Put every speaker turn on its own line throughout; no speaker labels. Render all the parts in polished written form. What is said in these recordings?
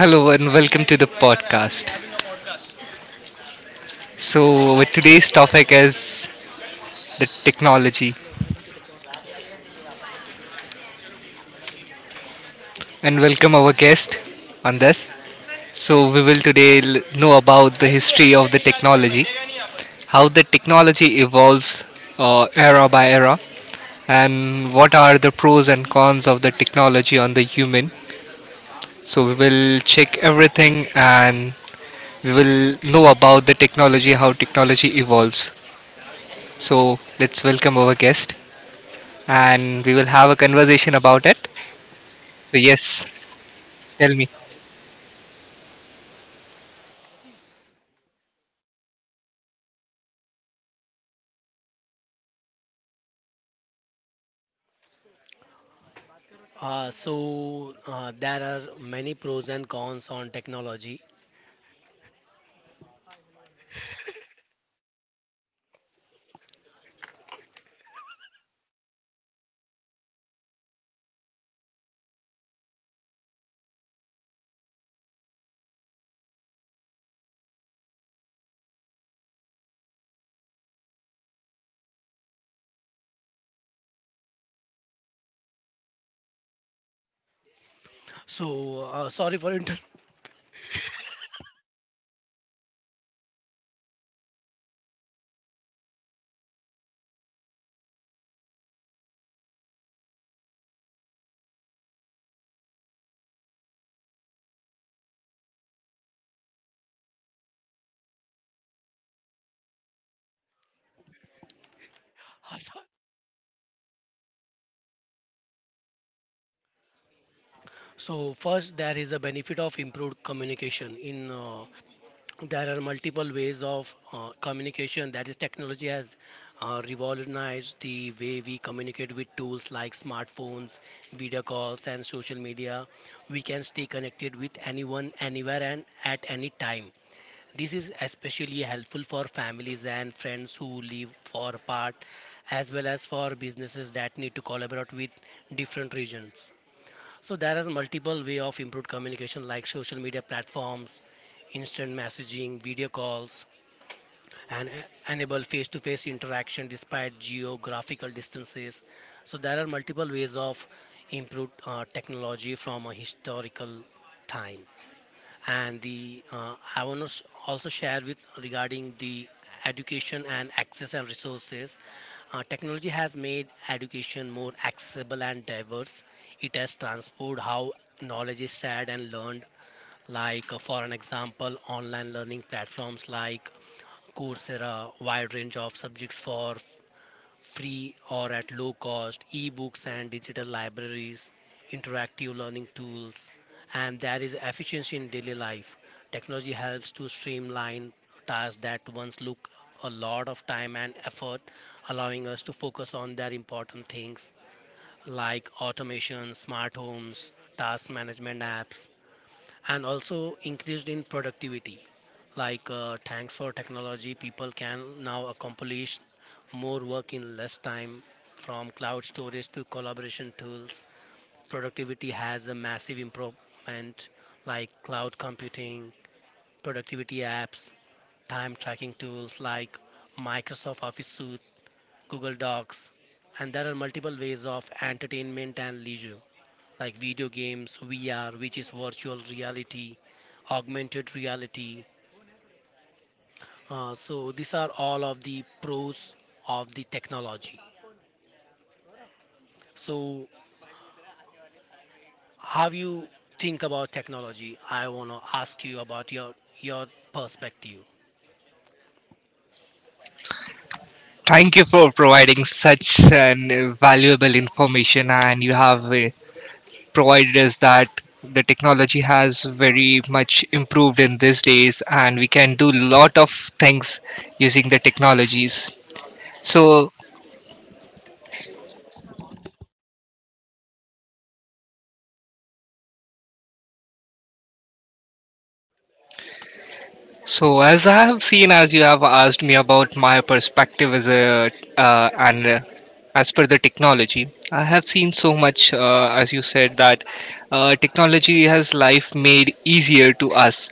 Hello and welcome to the podcast. So Today's topic is the technology, and welcome our guest on this. So we will today know about the history of the technology, how the technology evolves era by era, and what are the pros and cons of the technology on the human. So we will check everything and we will know about the technology, how technology evolves. So let's welcome our guest and we will have a conversation about it. So, yes, tell me. Thank you for providing such an valuable information, and you have provided us that the technology has very much improved in these days, and we can do lot of things using the technologies. So, So, as I have seen, as you have asked me about my perspective as a and as per the technology, I have seen so much, as you said, that technology has life made easier to us.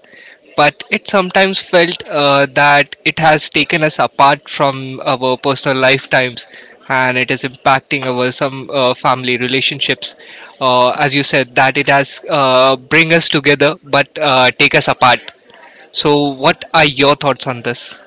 But it sometimes felt that it has taken us apart from our personal lifetimes, and it is impacting our some family relationships. As you said, that it has bring us together but take us apart, so what are your thoughts on this?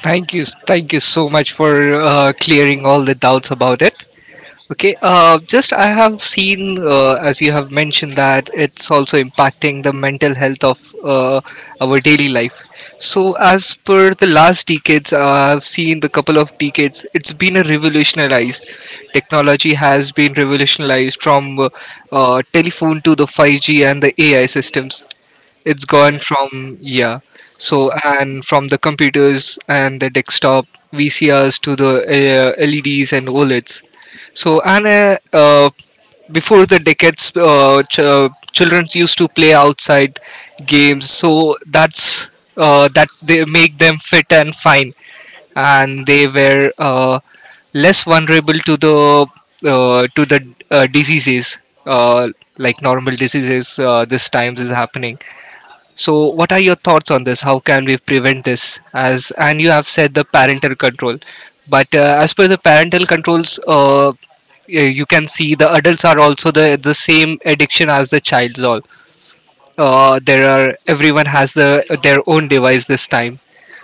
Thank you so much for clearing all the doubts about it. Okay, just I have seen, as you have mentioned, that it's also impacting the mental health of our daily life. So, as per the last decades, I've seen the couple of decades, it's been a revolutionized. Technology has been revolutionized from telephone to the 5G and the AI systems. It's gone from, yeah, so, and from the computers and the desktop vcrs to the leds and oleds. So and uh, uh, before the decades, children used to play outside games, so that's that they make them fit and fine, and they were less vulnerable to the uh, to the diseases, uh, like normal diseases, this times is happening. So, what are your thoughts on this? How can we prevent this? As and you have said the parental control, but as per the parental controls, you can see the adults are also the same addiction as the child's. All there are everyone has the, their own device this time.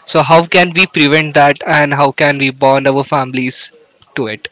So, how can we prevent that, and how can we bond our families to it?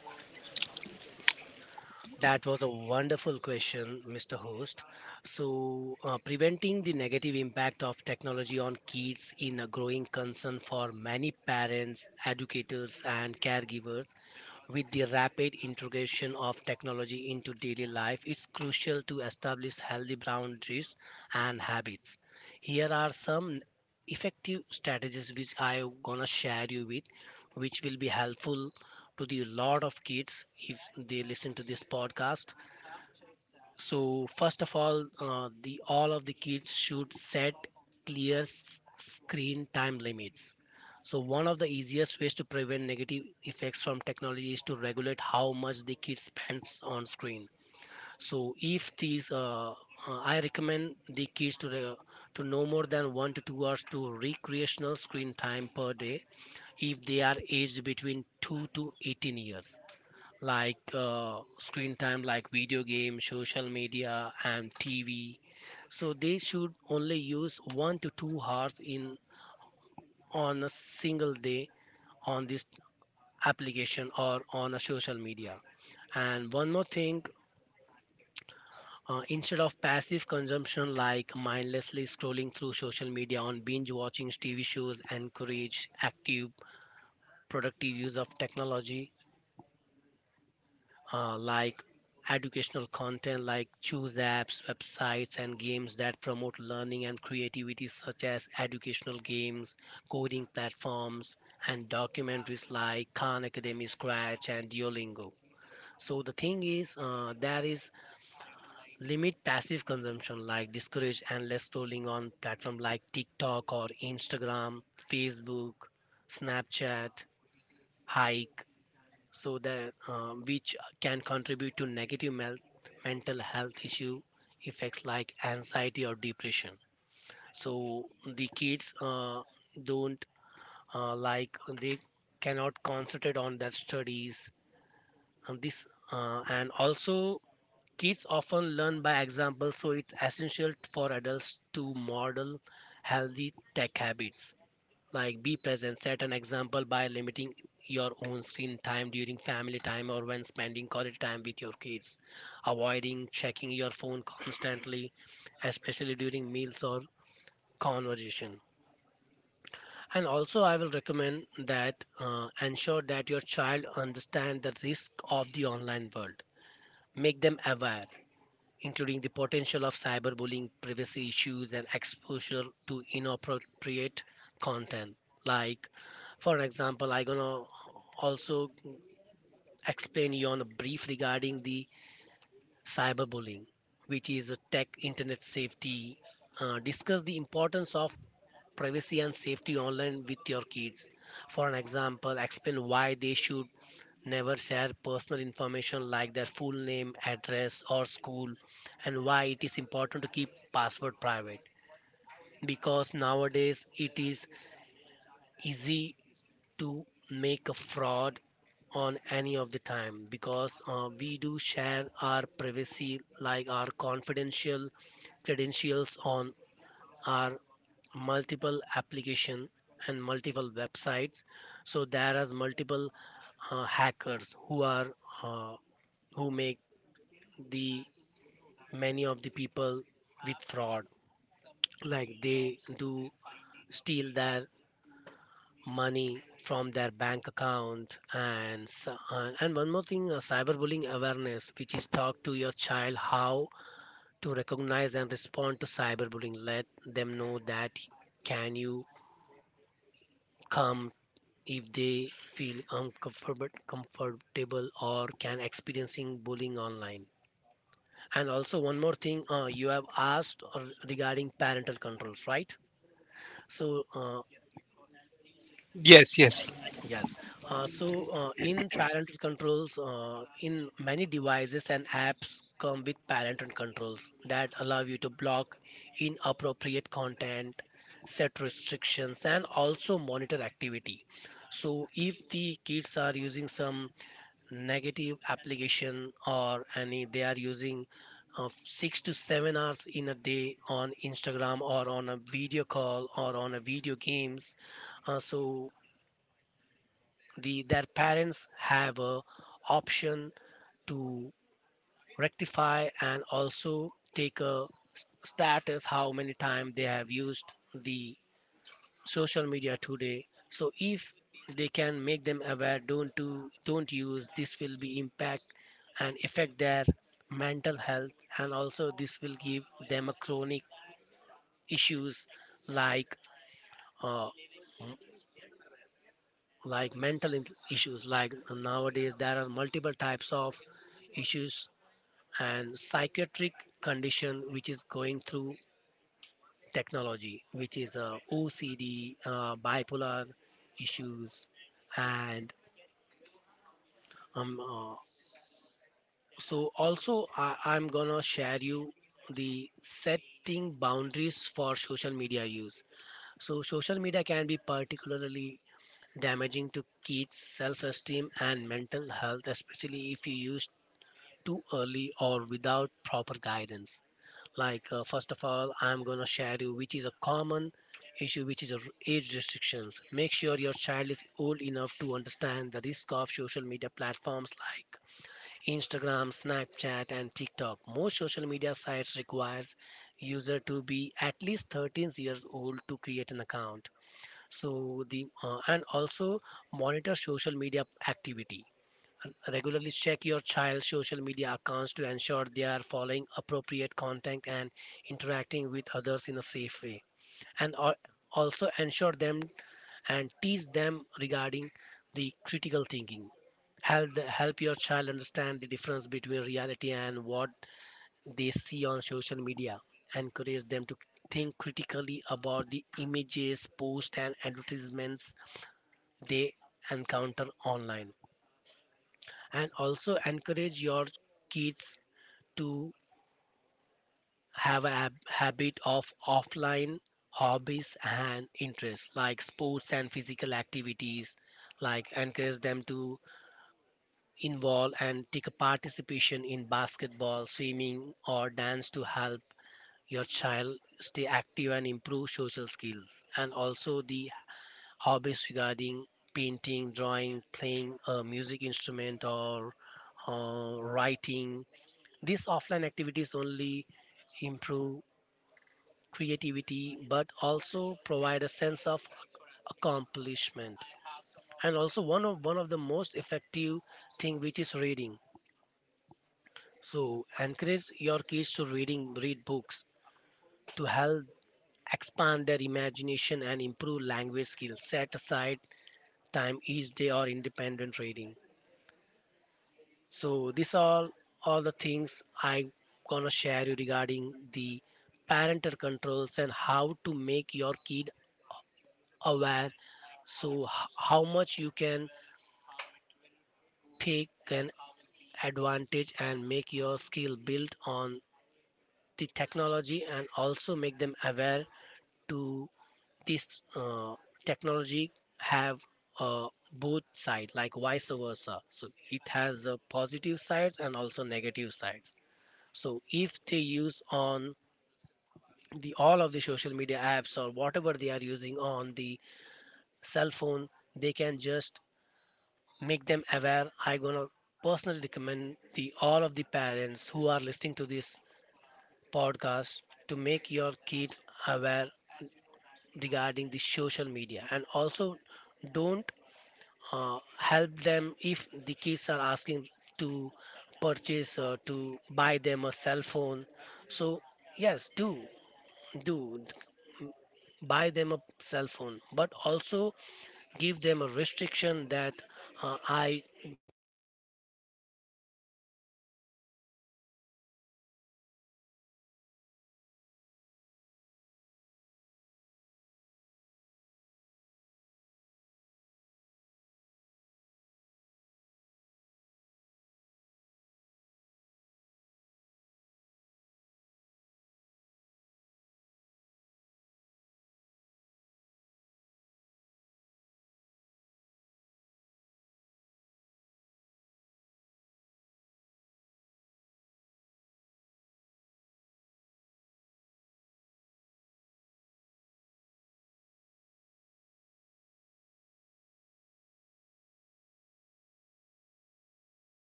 Yes, yes.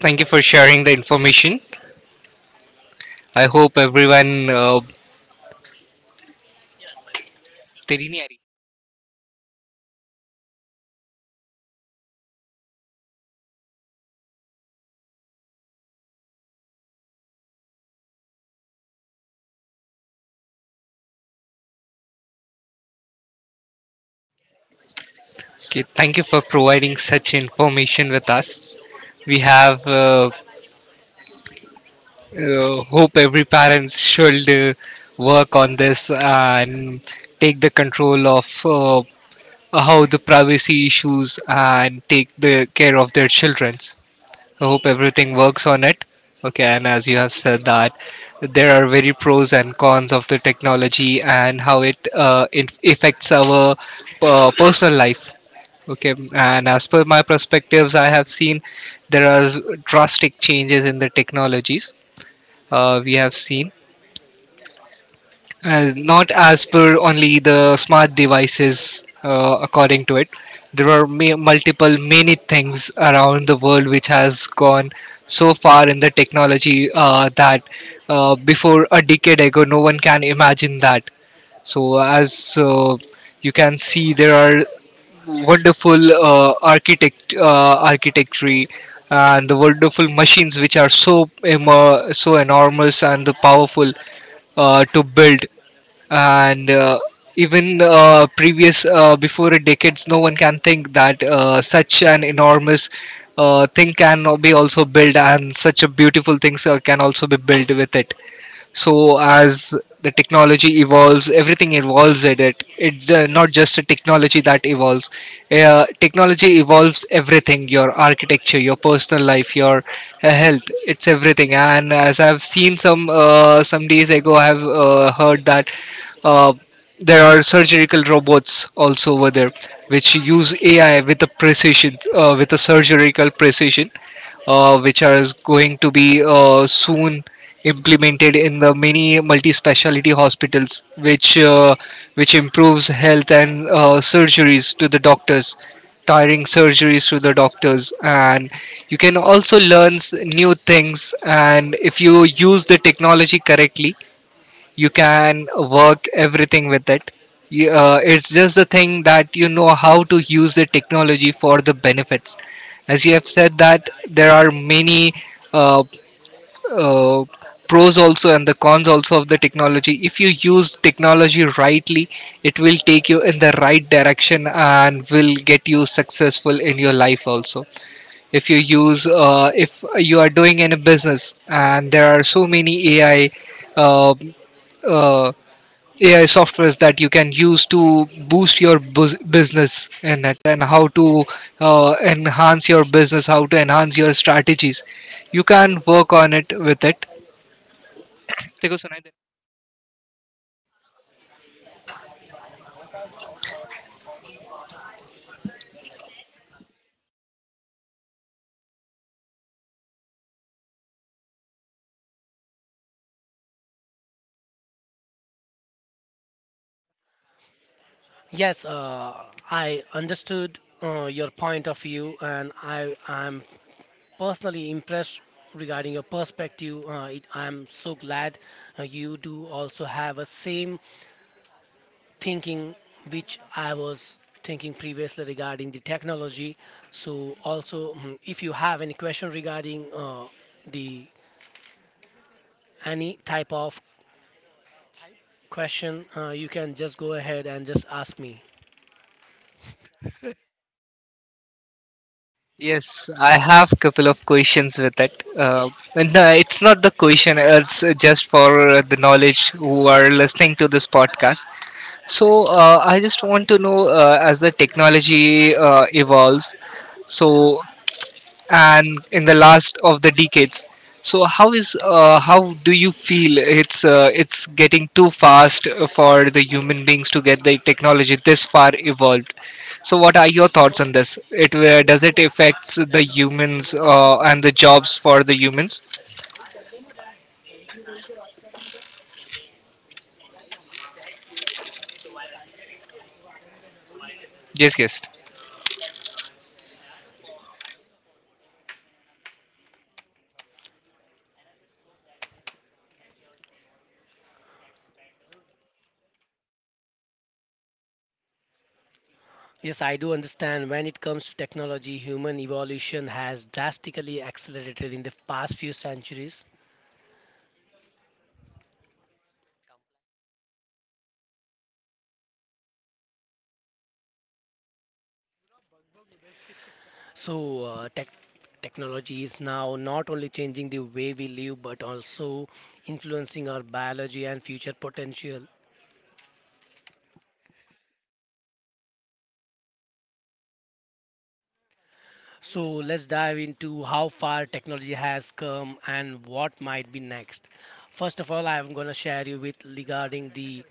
Thank you for sharing the information. I hope everyone. तेरी नहीं आ रही? Okay, thank you for providing such information with us. We have hope every parents should work on this and take the control of how the privacy issues and take the care of their children. I hope everything works on it. Okay, and as you have said that there are very pros and cons of the technology and how it affects our personal life. Okay, and as per my perspectives, I have seen there are drastic changes in the technologies. We have seen as not as per only the smart devices. According to it, there are multiple many things around the world which has gone so far in the technology, that before a decade ago, no one can imagine that. So, as you can see, there are wonderful architecture and the wonderful machines which are so enormous and the powerful to build. And even previous before a decades no one can think that such an enormous thing can be also built, and such a beautiful things can also be built with it. So, as the technology evolves, everything evolves with it. It's not just a technology that evolves. Technology evolves everything, your architecture, your personal life, your health. It's everything. And as I've seen some days ago, I've heard that uh, there are surgical robots also over there which use AI with a precision, with a surgical precision, which are going to be soon implemented in the many multi speciality hospitals, which improves health and surgeries to the doctors, tiring surgeries to the doctors. And you can also learn new things. And if you use the technology correctly, you can work everything with it. It's just the thing that you know how to use the technology for the benefits. As you have said that there are many uh, uh, pros also and the cons also of the technology. If you use technology rightly, it will take you in the right direction and will get you successful in your life also. If you use if you are doing any business, and there are so many uh, uh, AI softwares that you can use to boost your business in it, and how to enhance your business, how to enhance your strategies. You can work on it with it. देखो, सुनाई दे-
Yes, I understood your point of view, and I am personally impressed regarding your perspective. I'm so glad you do also have a same thinking which I was thinking previously regarding the technology. So also, if you have any question regarding the any type of question, you can just go ahead and just ask me.
Yes, I have couple of questions with it. And no, it's not the question, it's just for the knowledge who are listening to this podcast. So, I just want to know as the technology evolves, so and in the last of the decades. So how is how do you feel it's getting too fast for the human beings to get the technology this far evolved? So what are your thoughts on this? It Does it affects the humans and the jobs for the humans? Yes, yes.
Yes, I do understand. When it comes to technology, human evolution has drastically accelerated in the past few centuries. So, technology is now not only changing the way we live but also influencing our biology and future potential. So, let's dive into how far technology has come and what might be next. First of all, I'm going to share you with regarding the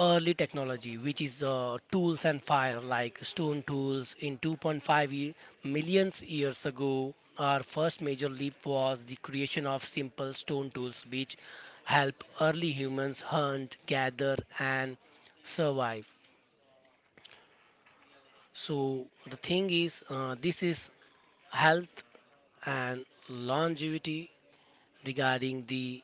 early technology, which is tools and fire like stone tools in 2.5 millions years ago. Our first major leap was the creation of simple stone tools, which help early humans hunt, gather, and survive. So the thing is, this is health and longevity regarding the.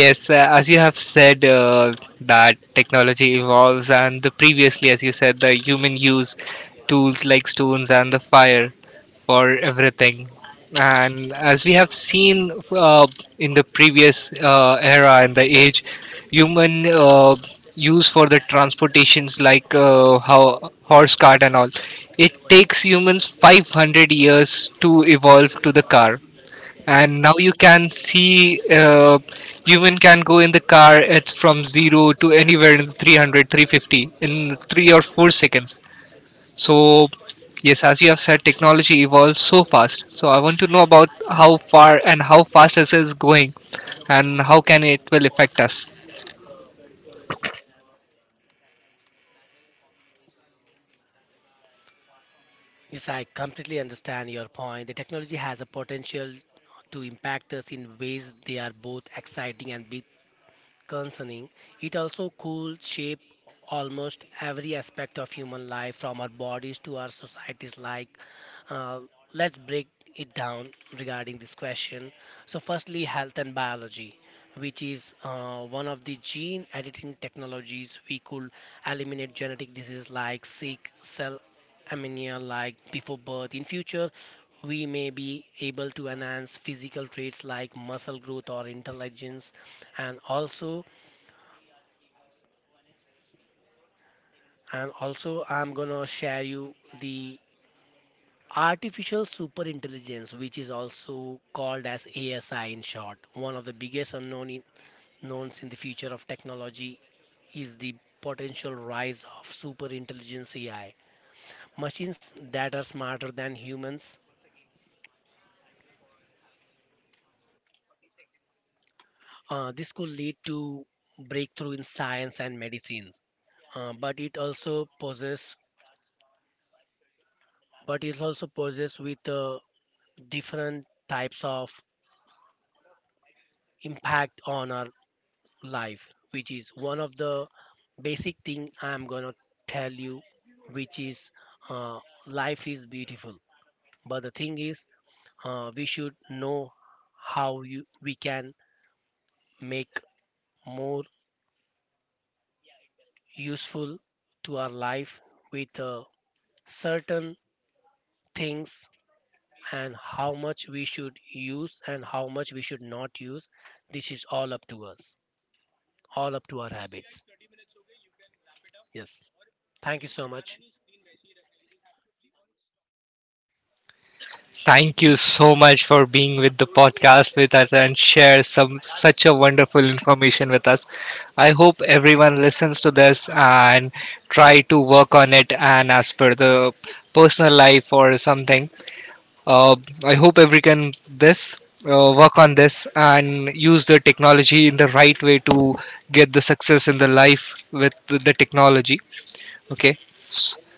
Yes, as you have said, that technology evolves, and the previously, as you said, the human use tools like stones and the fire for everything. And as we have seen in the previous era and the age, human use for the transportations like how horse cart and all, it takes humans 500 years to evolve to the car. And now you
Exactly.
can see human can go in the car, it's from 0 to anywhere in 300 350 in 3 or 4 seconds. So, yes, as you have said, technology evolves so fast, so I want to know about how far and how fast this is going, and how can it will affect us.
Yes, I completely understand your point. The technology has a potential to impact us in ways they are both exciting and bit concerning. It also could shape almost every aspect of human life, from our bodies to our societies. Like, uh, let's break it down regarding this question. So, firstly, health and biology, which is one of the gene editing technologies we could eliminate genetic diseases like sick cell anemia like before birth. In future, we may be able to enhance physical traits like muscle growth or intelligence and also and also I'm gonna share you the artificial super intelligence, which is also called as ASI in short. One of the biggest knowns in the future of technology is the potential rise of super intelligence AI machines that are smarter than humans. This could lead to breakthrough in science and medicines. uh, but it also poses but it also poses with different types of impact on our life, which is one of the basic thing I'm gonna tell you, which is uh, life is beautiful. But the thing is we should know how we can make more useful to our life with certain things. And how much we should use and how much we should not use, this is all up to us, all up to our habits. Yes, thank you so much.
Thank you so much for being with the podcast with us and share some such a wonderful information with us. I hope everyone listens to this and try to work on it and as per the personal life or something. Uh, I hope everyone can this work on this and use the technology in the right way to get the success in the life with the technology. Okay.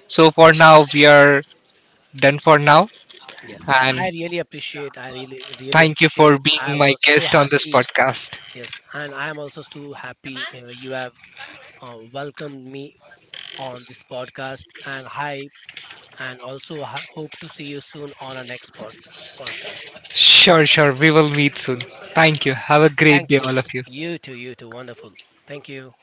So for now we are done for now
Yes, I
and
really appreciate. I really, really
thank you for
appreciate. I
being my
was so
guest on this
happy.
podcast.
Yes, and I am also so happy you have welcomed me on this podcast. And hi, and also hope to see you soon on our next podcast.
Sure, sure. We will meet soon. Thank you. Have a great
Thank
day,
you.
all of you.
You too. You too. Wonderful. Thank you.